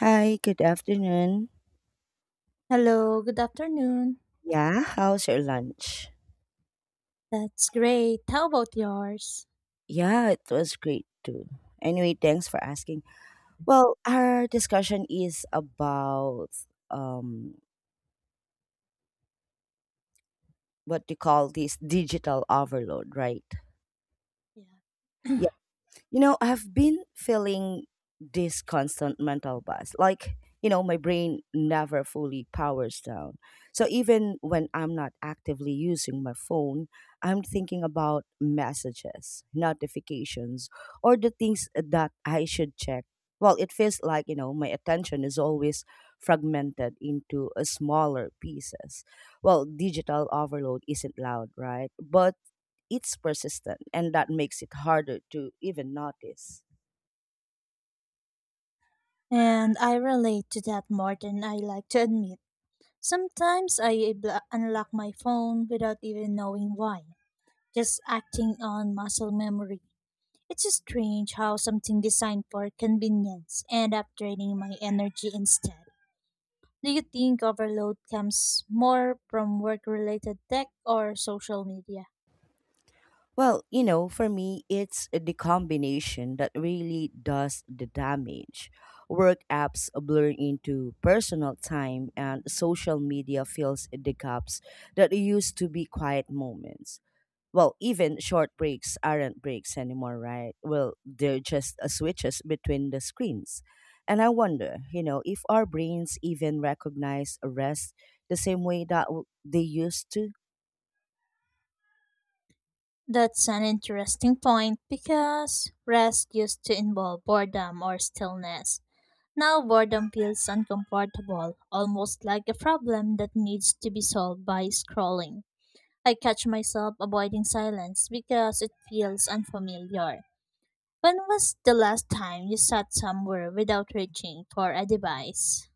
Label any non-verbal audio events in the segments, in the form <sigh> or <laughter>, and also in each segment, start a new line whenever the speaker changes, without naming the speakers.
Hi, good afternoon.
Hello, good afternoon.
Yeah, how's your lunch?
That's great. How about yours?
Yeah, it was great too. Anyway, thanks for asking. Well, our discussion is about um what you call this digital overload, right?
Yeah. <clears throat>
I've been feeling this constant mental buzz. Like, my brain never fully powers down. So even when I'm not actively using my phone, I'm thinking about messages, notifications, or the things that I should check. Well, it feels like, my attention is always fragmented into a smaller pieces. Well, digital overload isn't loud, right? But it's persistent and that makes it harder to even notice.
And I relate to that more than I like to admit. Sometimes I bl- unlock my phone without even knowing why, just acting on muscle memory. It's strange how something designed for convenience end up draining my energy instead. Do you think overload comes more from work related tech or social media?
Well, for me, it's the combination that really does the damage. Work apps blur into personal time, and social media fills the gaps that used to be quiet moments. Well, even short breaks aren't breaks anymore, right? Well, they're just switches between the screens. And I wonder, if our brains even recognize rest the same way that they used to.
That's an interesting point because rest used to involve boredom or stillness. Now boredom feels uncomfortable, almost like a problem that needs to be solved by scrolling. I catch myself avoiding silence because it feels unfamiliar. When was the last time you sat somewhere without reaching for a device?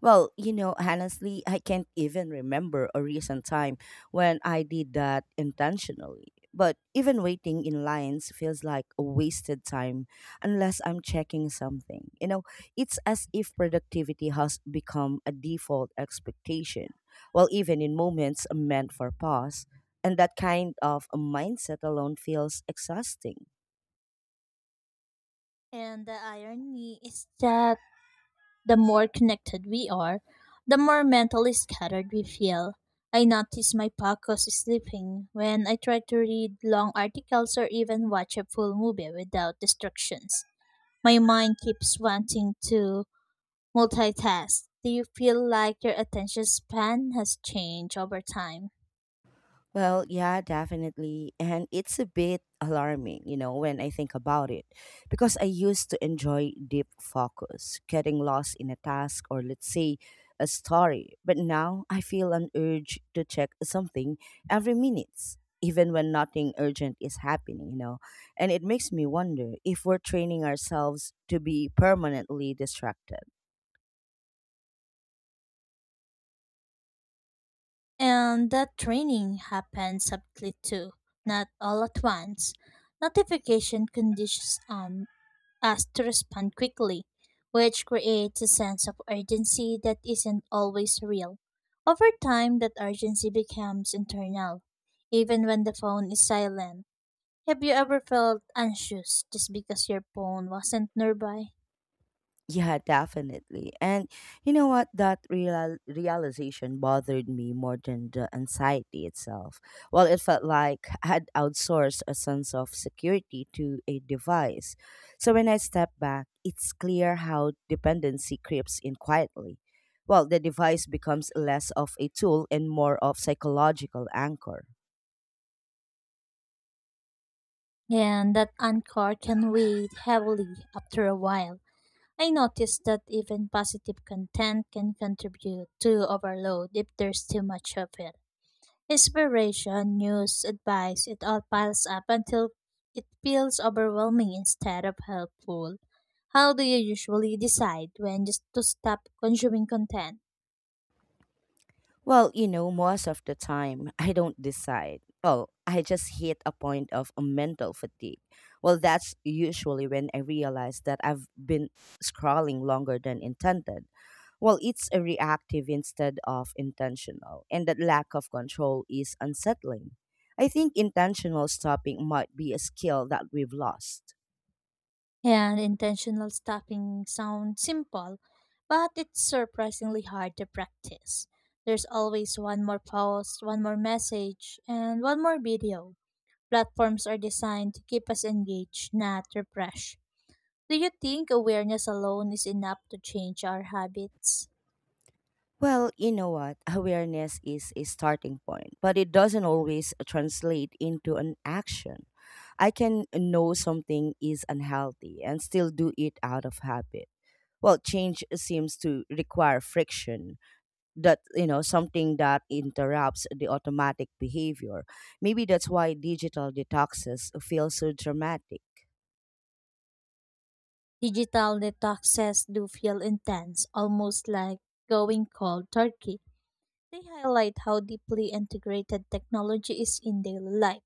Well, honestly, I can't even remember a recent time when I did that intentionally. But even waiting in lines feels like a wasted time unless I'm checking something. It's as if productivity has become a default expectation. Well, even in moments meant for pause, and that kind of a mindset alone feels exhausting.
And the irony is that the more connected we are, the more mentally scattered we feel. I notice my focus is slipping when I try to read long articles or even watch a full movie without distractions. My mind keeps wanting to multitask. Do you feel like your attention span has changed over time?
Well, yeah, definitely. And it's a bit alarming, when I think about it, because I used to enjoy deep focus, getting lost in a task or, let's say, a story. But now I feel an urge to check something every minute, even when nothing urgent is happening. And it makes me wonder if we're training ourselves to be permanently distracted.
And that training happens subtly too, not all at once. Notification conditions us to respond quickly, which creates a sense of urgency that isn't always real. Over time, that urgency becomes internal, even when the phone is silent. Have you ever felt anxious just because your phone wasn't nearby?
Yeah, definitely. And you know what? That realization bothered me more than the anxiety itself. Well, it felt like I had outsourced a sense of security to a device. So when I step back, it's clear how dependency creeps in quietly. Well, the device becomes less of a tool and more of psychological anchor.
And that anchor can weigh heavily after a while. I noticed that even positive content can contribute to overload if there's too much of it. Inspiration, news, advice, it all piles up until it feels overwhelming instead of helpful. How do you usually decide when just to stop consuming content?
Well, most of the time, I don't decide. Well, I just hit a point of a mental fatigue. Well, that's usually when I realize that I've been scrolling longer than intended. Well, it's a reactive instead of intentional, and that lack of control is unsettling. I think intentional stopping might be a skill that we've lost.
And intentional stopping sounds simple, but it's surprisingly hard to practice. There's always one more post, one more message, and one more video. Platforms are designed to keep us engaged, not refreshed. Do you think awareness alone is enough to change our habits?
Well, you know what? <laughs> Awareness is a starting point, but it doesn't always translate into an action. I can know something is unhealthy and still do it out of habit. Well, change seems to require friction that something that interrupts the automatic behavior. Maybe that's why digital detoxes feel so dramatic.
Digital detoxes do feel intense, almost like going cold turkey. They highlight how deeply integrated technology is in daily life.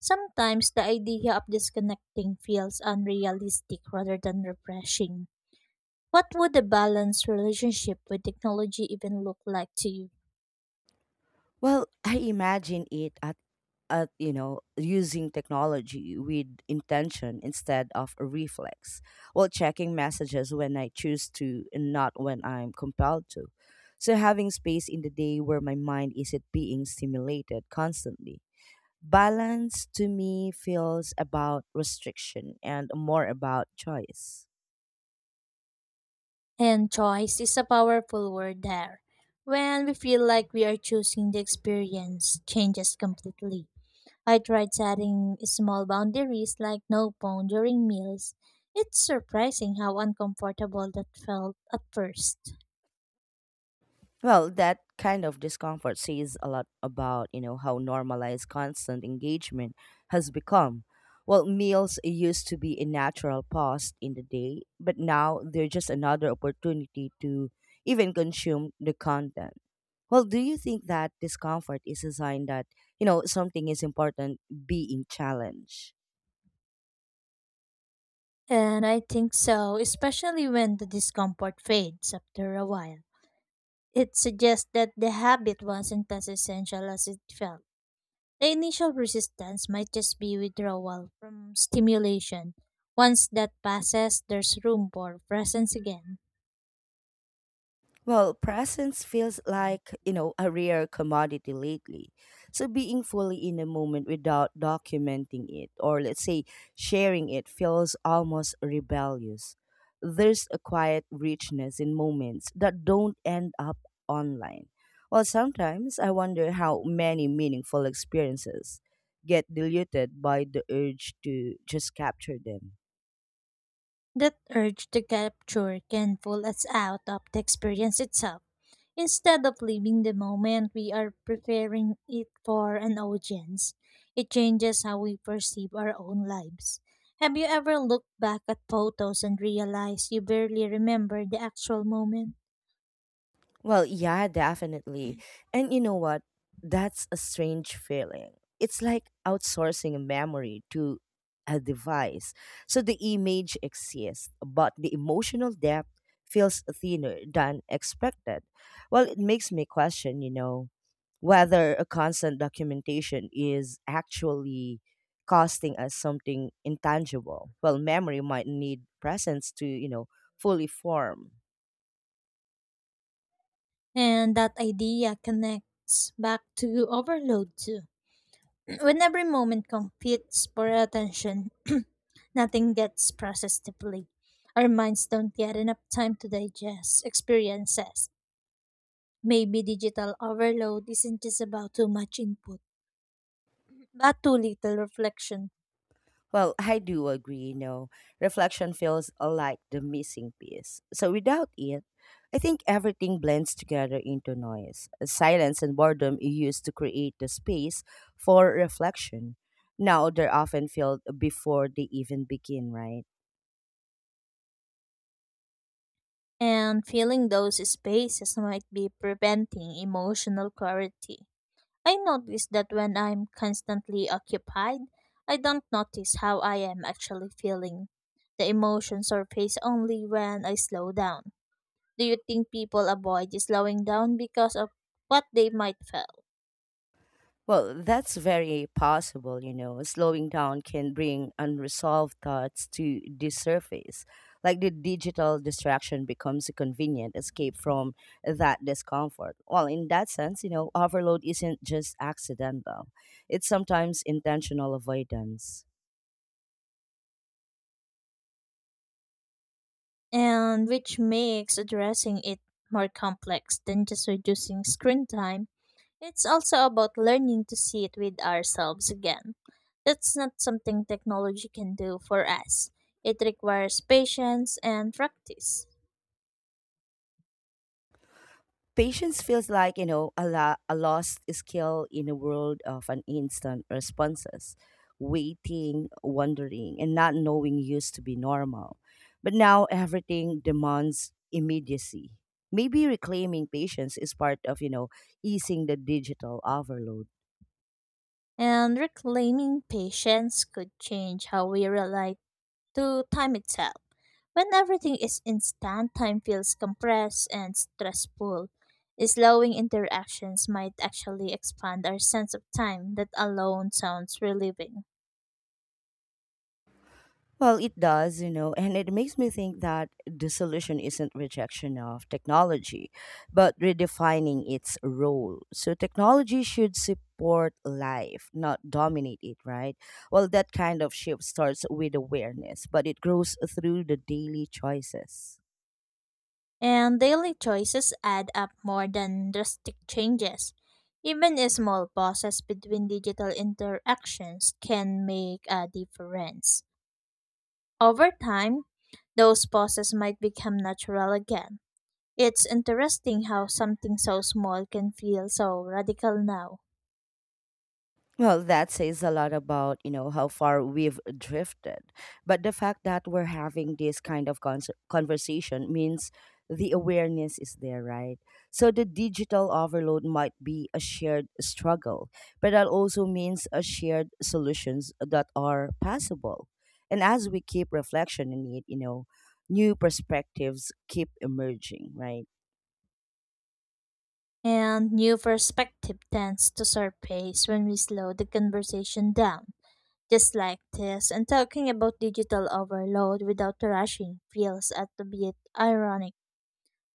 Sometimes the idea of disconnecting feels unrealistic rather than refreshing. What would a balanced relationship with technology even look like to you?
Well, I imagine it at using technology with intention instead of a reflex. Well, checking messages when I choose to and not when I'm compelled to. So having space in the day where my mind isn't being stimulated constantly. Balance to me feels about restriction and more about choice.
And choice is a powerful word there. When we feel like we are choosing the experience, changes completely. I tried setting small boundaries like no phone during meals. It's surprising how uncomfortable that felt at first.
Well, that kind of discomfort says a lot about, how normalized constant engagement has become. Well, meals used to be a natural pause in the day, but now they're just another opportunity to even consume the content. Well, do you think that discomfort is a sign that, something is important being challenged.
And I think so, especially when the discomfort fades after a while. It suggests that the habit wasn't as essential as it felt. The initial resistance might just be withdrawal from stimulation. Once that passes, there's room for presence again.
Well, presence feels like, a rare commodity lately. So being fully in the moment without documenting it or let's say sharing it feels almost rebellious. There's a quiet richness in moments that don't end up online. Well, sometimes I wonder how many meaningful experiences get diluted by the urge to just capture them.
That urge to capture can pull us out of the experience itself. Instead of living the moment, we are preparing it for an audience. It changes how we perceive our own lives. Have you ever looked back at photos and realized you barely remember the actual moment?
Well, yeah, definitely. And you know what? That's a strange feeling. It's like outsourcing a memory to a device. So the image exists, but the emotional depth feels thinner than expected. Well, it makes me question, whether a constant documentation is actually costing us something intangible. Well, memory might need presence to, fully form.
And that idea connects back to overload too. <clears throat> When every moment competes for attention, <clears throat> nothing gets processed deeply. Our minds don't get enough time to digest experiences. Maybe digital overload isn't just about too much input, but too little reflection.
Well, I do agree. Reflection feels like the missing piece. So without it, I think everything blends together into noise. Silence and boredom used to create the space for reflection. Now they're often filled before they even begin, right?
And filling those spaces might be preventing emotional clarity. I notice that when I'm constantly occupied, I don't notice how I am actually feeling. The emotions surface only when I slow down. Do you think people avoid slowing down because of what they might feel?
Well, that's very possible. Slowing down can bring unresolved thoughts to the surface. Like the digital distraction becomes a convenient escape from that discomfort. Well, in that sense, overload isn't just accidental, it's sometimes intentional avoidance.
And which makes addressing it more complex than just reducing screen time. It's also about learning to see it with ourselves again. That's not something technology can do for us. It requires patience and practice.
Patience feels like, a lost skill in a world of an instant responses. Waiting, wondering, and not knowing used to be normal. But now everything demands immediacy. Maybe reclaiming patience is part of, easing the digital overload.
And reclaiming patience could change how we relate to time itself. When everything is instant, time feels compressed and stressful. Slowing interactions might actually expand our sense of time, that alone sounds relieving.
Well, it does, and it makes me think that the solution isn't rejection of technology, but redefining its role. So, technology should support life, not dominate it, right? Well, that kind of shift starts with awareness, but it grows through the daily choices.
And daily choices add up more than drastic changes. Even small pauses between digital interactions can make a difference. Over time, those pauses might become natural again. It's interesting how something so small can feel so radical now.
Well, that says a lot about, how far we've drifted. But the fact that we're having this kind of conversation means the awareness is there, right? So the digital overload might be a shared struggle, but that also means a shared solutions that are possible. And as we keep reflection in it, new perspectives keep emerging, right?
And new perspective tends to surface when we slow the conversation down. Just like this, and talking about digital overload without rushing feels a bit ironic,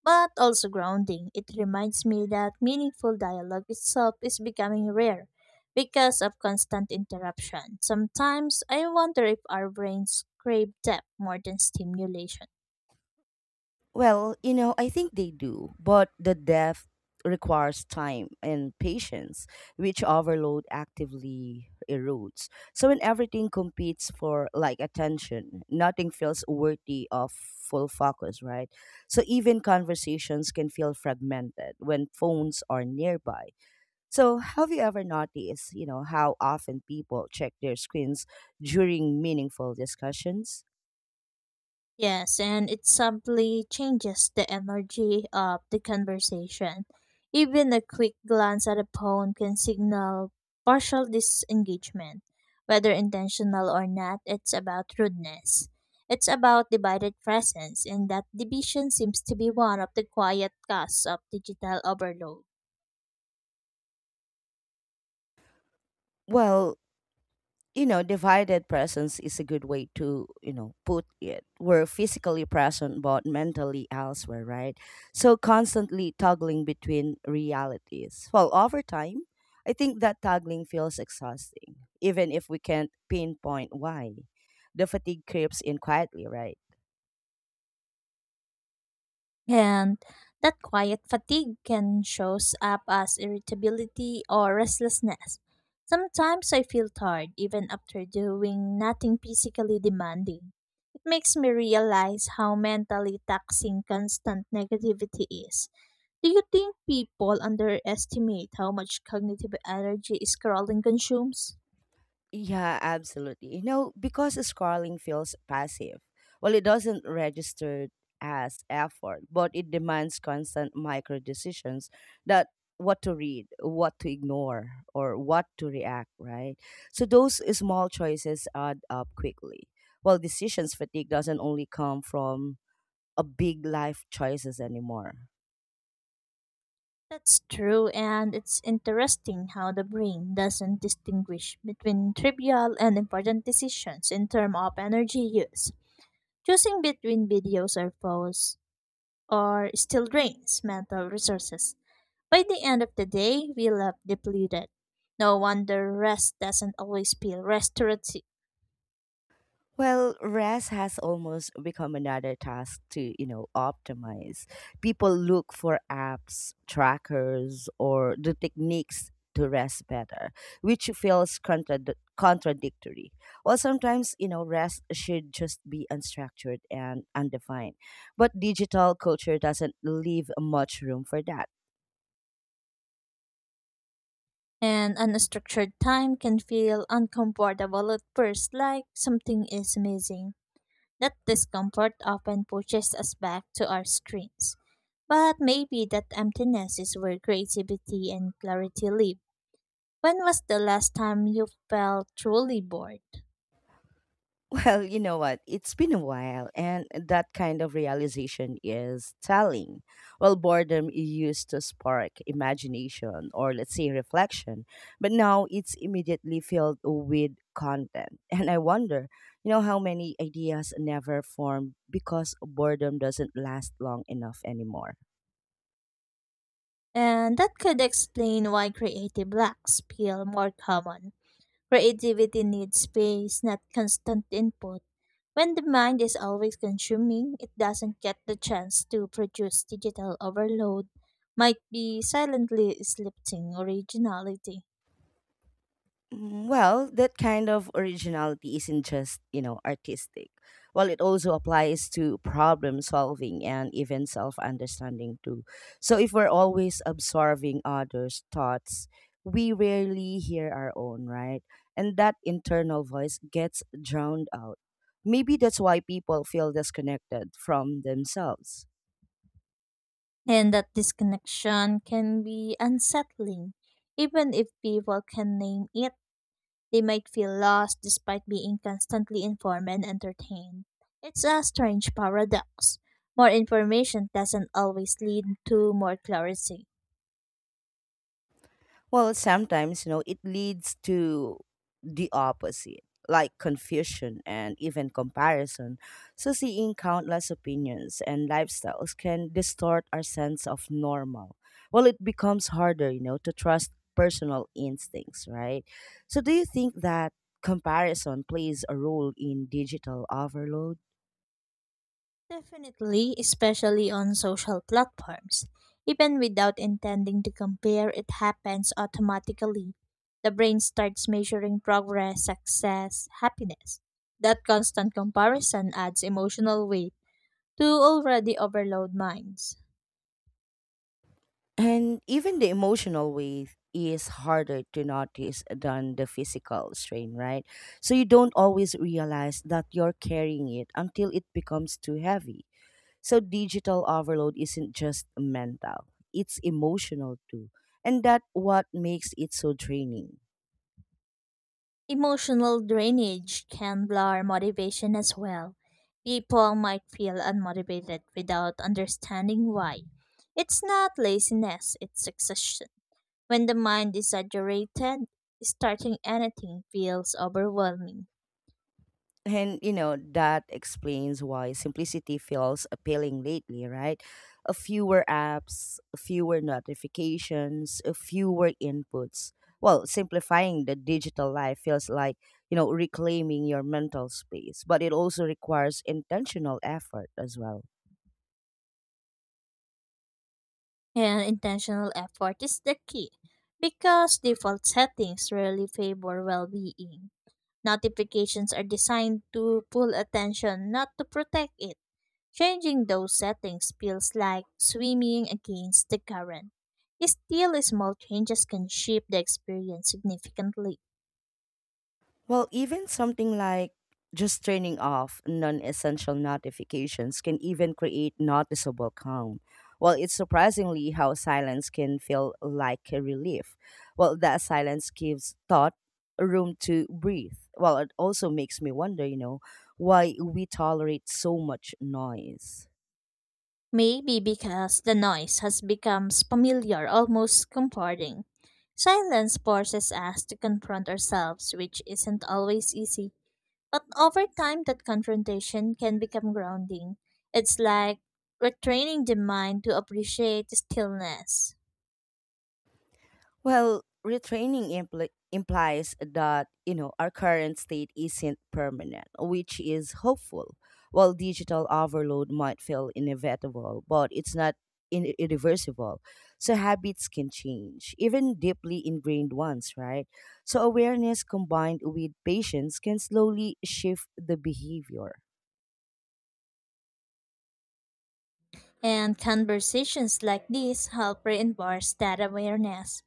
but also grounding. It reminds me that meaningful dialogue itself is becoming rare because of constant interruption. Sometimes I wonder if our brains crave depth more than stimulation.
Well, I think they do, but the depth requires time and patience, which overload actively erodes. So when everything competes for like attention, nothing feels worthy of full focus, right? So even conversations can feel fragmented when phones are nearby. So have you ever noticed, how often people check their screens during meaningful discussions?
Yes, and it simply changes the energy of the conversation. Even a quick glance at a phone can signal partial disengagement. Whether intentional or not, it's about rudeness. It's about divided presence, and that division seems to be one of the quiet costs of digital overload.
Well, divided presence is a good way to, put it. We're physically present but mentally elsewhere, right? So constantly toggling between realities. Well, over time, I think that toggling feels exhausting, even if we can't pinpoint why. The fatigue creeps in quietly, right?
And that quiet fatigue can shows up as irritability or restlessness. Sometimes I feel tired even after doing nothing physically demanding. It makes me realize how mentally taxing constant negativity is. Do you think people underestimate how much cognitive energy scrolling consumes?
Yeah, absolutely. Because scrolling feels passive. Well, it doesn't register as effort, but it demands constant micro decisions that what to read, what to ignore, or what to react, right? So those small choices add up quickly. Well, decisions fatigue doesn't only come from a big life choices anymore.
That's true, and it's interesting how the brain doesn't distinguish between trivial and important decisions in terms of energy use. Choosing between videos or phones or still drains mental resources. By the end of the day, we left depleted. No wonder rest doesn't always feel restorative,
Well, rest has almost become another task to, optimize. People look for apps, trackers, or the techniques to rest better, which feels contradictory. Well, sometimes, rest should just be unstructured and undefined. But digital culture doesn't leave much room for that.
and unstructured time can feel uncomfortable at first, like something is missing. That discomfort often pushes us back to our screens. But maybe that emptiness is where creativity and clarity live. When was the last time you felt truly bored?
Well, you know what? It's been a while, and that kind of realization is telling. Well, boredom used to spark imagination or, let's say, reflection, but now it's immediately filled with content. <laughs> And I wonder, how many ideas never form because boredom doesn't last long enough anymore.
And that could explain why creative blocks feel more common. Creativity needs space, not constant input. When the mind is always consuming, it doesn't get the chance to produce digital overload, might be silently slipping originality.
Well, that kind of originality isn't just, artistic. Well, it also applies to problem solving and even self understanding too. So if we're always absorbing others' thoughts, we rarely hear our own, right? And that internal voice gets drowned out. Maybe that's why people feel disconnected from themselves.
And that disconnection can be unsettling. Even if people can name it, they might feel lost despite being constantly informed and entertained. It's a strange paradox. More information doesn't always lead to more clarity.
Well, sometimes, it leads to the opposite, like confusion and even comparison. So, seeing countless opinions and lifestyles can distort our sense of normal. Well, it becomes harder, to trust personal instincts, right? So, do you think that comparison plays a role in digital overload?
Definitely, especially on social platforms. Even without intending to compare, it happens automatically. The brain starts measuring progress, success, happiness. That constant comparison adds emotional weight to already overloaded minds.
And even the emotional weight is harder to notice than the physical strain, right? So you don't always realize that you're carrying it until it becomes too heavy. So digital overload isn't just mental, it's emotional too. And that's what makes it so draining.
Emotional drainage can blur motivation as well. People might feel unmotivated without understanding why. It's not laziness, it's exhaustion. When the mind is saturated, starting anything feels overwhelming.
And that explains why simplicity feels appealing lately, right? A fewer apps, fewer notifications, a fewer inputs. Well, simplifying the digital life feels like reclaiming your mental space, but it also requires intentional effort as well.
And intentional effort is the key because default settings rarely favor well being. Notifications are designed to pull attention, not to protect it. Changing those settings feels like swimming against the current. Still, small changes can shape the experience significantly.
Well, even something like just turning off non essential notifications can even create noticeable calm. Well, it's surprisingly how silence can feel like a relief. Well, that silence gives thought room to breathe. Well, it also makes me wonder, why we tolerate so much noise.
Maybe because the noise has become familiar, almost comforting. Silence forces us to confront ourselves, which isn't always easy. But over time, that confrontation can become grounding. It's like retraining the mind to appreciate stillness.
Well, retraining implies that, our current state isn't permanent, which is hopeful. While digital overload might feel inevitable, but it's not irreversible. So habits can change, even deeply ingrained ones, right? So awareness combined with patience can slowly shift the behavior.
And conversations like this help reinforce that awareness.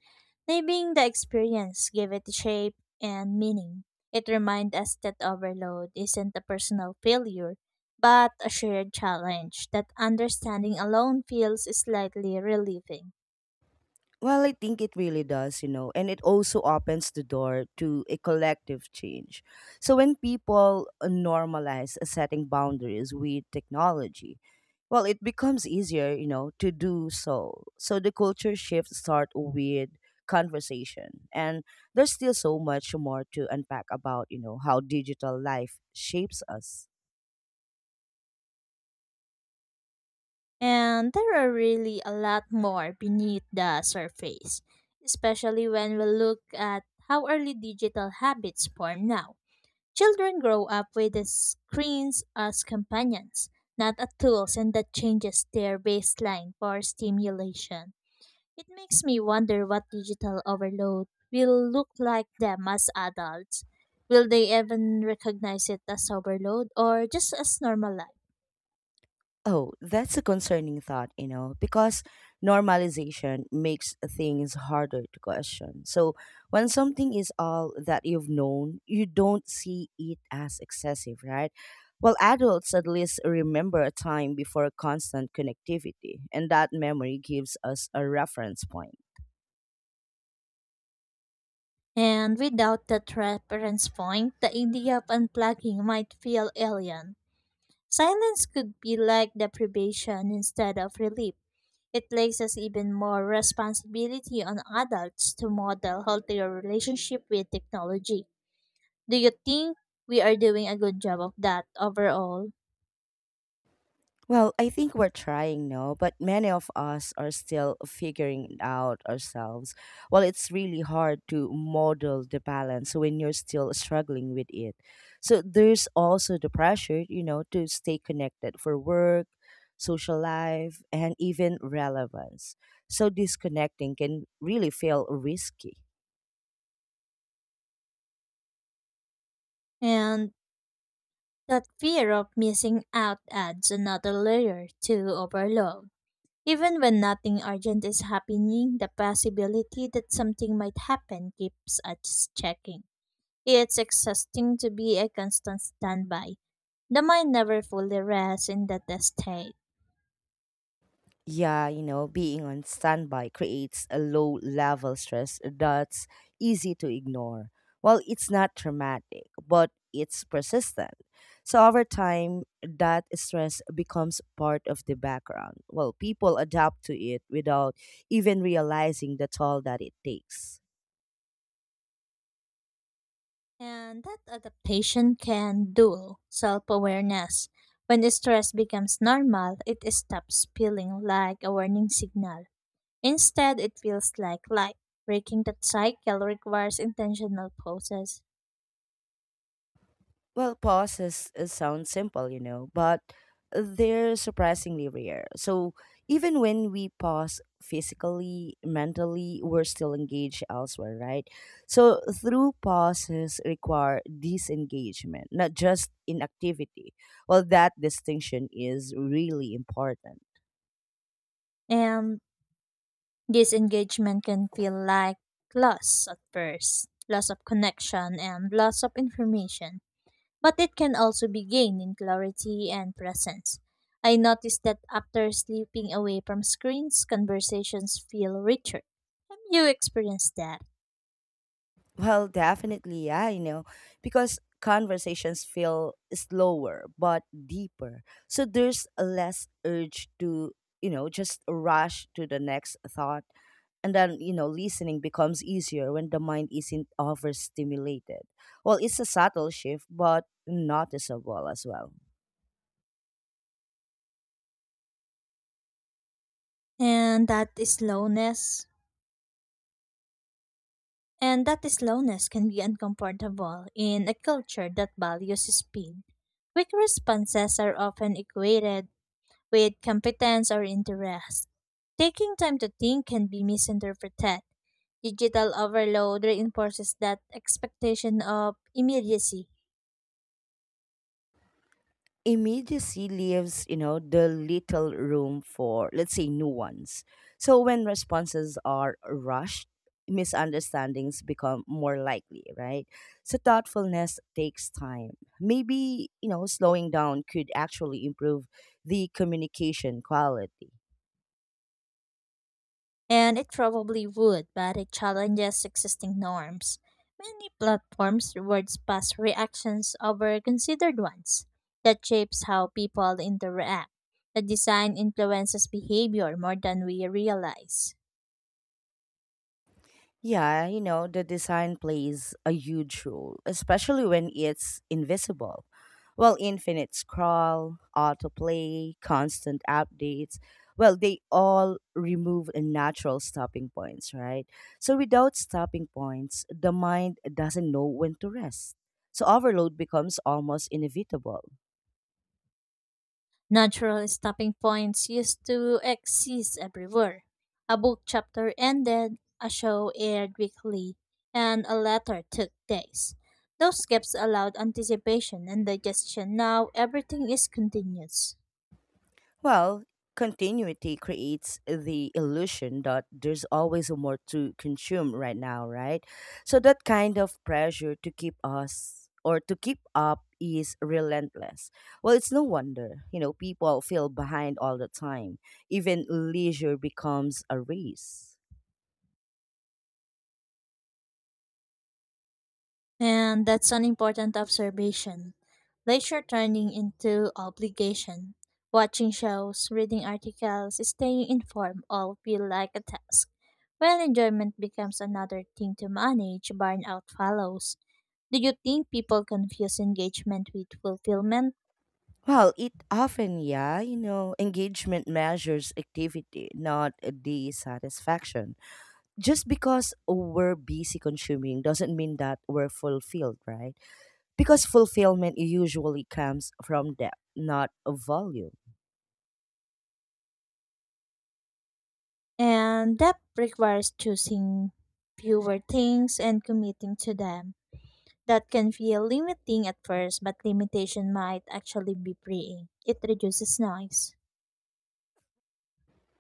Naming the experience give it shape and meaning. It reminds us that overload isn't a personal failure, but a shared challenge that understanding alone feels slightly relieving.
Well, I think it really does, and it also opens the door to a collective change. So when people normalize setting boundaries with technology, well, it becomes easier, to do so. So the culture shifts start with conversation, and there's still so much more to unpack about, how digital life shapes us.
And there are really a lot more beneath the surface, especially when we look at how early digital habits form now. Children grow up with the screens as companions, not as tools, and that changes their baseline for stimulation. It makes me wonder what digital overload will look like them as adults. Will they even recognize it as overload or just as normal life?
Oh, that's a concerning thought, because normalization makes things harder to question. When something is all that you've known, you don't see it as excessive, right? Well, adults at least remember a time before constant connectivity, and that memory gives us a reference point.
And without that reference point, the idea of unplugging might feel alien. Silence could be like deprivation instead of relief. It places even more responsibility on adults to model healthier relationship with technology. Do you think we are doing a good job of that overall?
Well, I think we're trying, no, but many of us are still figuring it out ourselves. Well, it's really hard to model the balance when you're still struggling with it. So there's also the pressure, to stay connected for work, social life, and even relevance. So disconnecting can really feel risky.
And that fear of missing out adds another layer to overload. Even when nothing urgent is happening, the possibility that something might happen keeps us checking. It's exhausting to be a constant standby. The mind never fully rests in that state.
Yeah, being on standby creates a low level stress that's easy to ignore. Well, it's not traumatic, but it's persistent. So over time, that stress becomes part of the background. Well, people adapt to it without even realizing the toll that it takes.
And that adaptation can dual self awareness. When the stress becomes normal, it stops feeling like a warning signal. Instead, it feels like light. Breaking that cycle requires intentional process.
Well, pause is sounds simple, but they're surprisingly rare. So even when we pause physically, mentally, we're still engaged elsewhere, right? So through pauses require disengagement, not just inactivity. Well, that distinction is really important.
And disengagement can feel like loss at first, loss of connection and loss of information, but it can also be gained in clarity and presence. I noticed that after sleeping away from screens, conversations feel richer. Have you experienced that?
Well, definitely, yeah, because conversations feel slower but deeper. So there's less urge to just rush to the next thought. And then, listening becomes easier when the mind isn't overstimulated. Well, it's a subtle shift, but noticeable as well.
And that is slowness can be uncomfortable in a culture that values speed. Quick responses are often equated with competence or interest. Taking time to think can be misinterpreted. Digital overload reinforces that expectation of immediacy,
Immediacy leaves the little room for, let's say, new ones. So when responses are rushed, misunderstandings become more likely, right? So thoughtfulness takes time. Maybe slowing down could actually improve the communication quality.
and it probably would, but it challenges existing norms. Many platforms rewards past reactions over considered ones. That shapes how people interact. The design influences behavior more than we realize.
Yeah, the design plays a huge role, especially when it's invisible. Well, infinite scroll, autoplay, constant updates, well, they all remove natural stopping points, right? So without stopping points, the mind doesn't know when to rest. So overload becomes almost inevitable.
Natural stopping points used to exist everywhere. A book chapter ended, a show aired weekly, and a letter took days. Those gaps allowed anticipation and digestion. Now everything is continuous.
Well, continuity creates the illusion that there's always more to consume right now, right? So that kind of pressure to keep us or to keep up is relentless. Well, it's no wonder, people feel behind all the time. Even leisure becomes a race.
And that's an important observation. Leisure turning into obligation. Watching shows, reading articles, staying informed all feel like a task. While enjoyment becomes another thing to manage, burnout follows. Do you think people confuse engagement with fulfillment?
Well, it often, yeah, engagement measures activity, not the satisfaction. Just because we're busy consuming doesn't mean that we're fulfilled, right? Because fulfillment usually comes from depth, not volume.
And that requires choosing fewer things and committing to them. That can feel limiting at first, but limitation might actually be freeing. It reduces noise.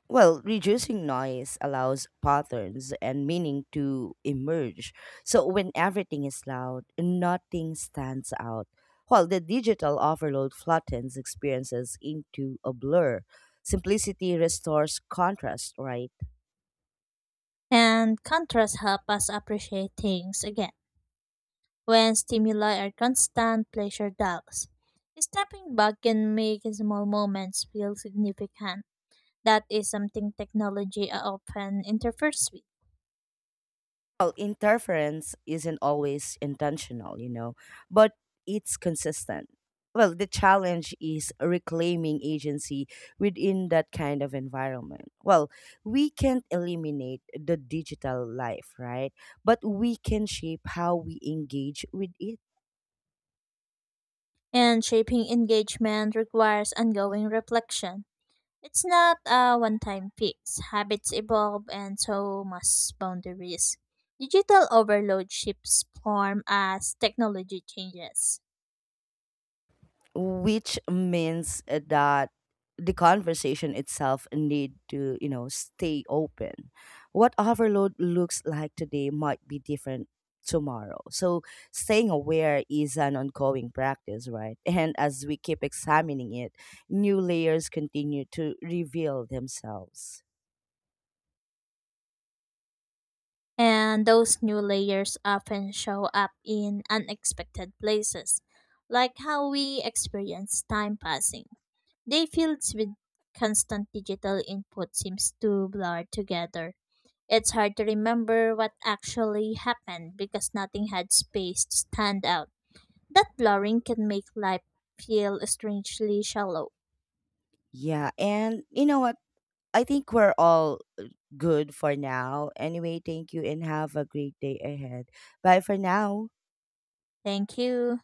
Well, reducing noise allows patterns and meaning to emerge. So when everything is loud, nothing stands out. While the digital overload flattens experiences into a blur, simplicity restores contrast, right?
And contrast help us appreciate things again. When stimuli are constant, pleasure dulls. Stepping back can make small moments feel significant. That is something technology often interferes with.
Well, interference isn't always intentional, but it's consistent. Well, the challenge is reclaiming agency within that kind of environment. Well, we can't eliminate the digital life, right? But we can shape how we engage with it,
And shaping engagement requires ongoing reflection. It's not a one time fix. Habits evolve and so must boundaries. Digital overload shifts form as technology changes.
which means that the conversation itself need to stay open. What overload looks like today might be different tomorrow, so staying aware is an ongoing practice, right? <laughs> And as we keep examining it, new layers continue to reveal themselves.
And those new layers often show up in unexpected places, like how we experience time passing. Day fields with constant digital input seems to blur together. It's hard to remember what actually happened because nothing had space to stand out. That blurring can make life feel strangely shallow.
Yeah, and you know what I think we're all good for now anyway. Thank you and have a great day ahead. Bye for now.
Thank you.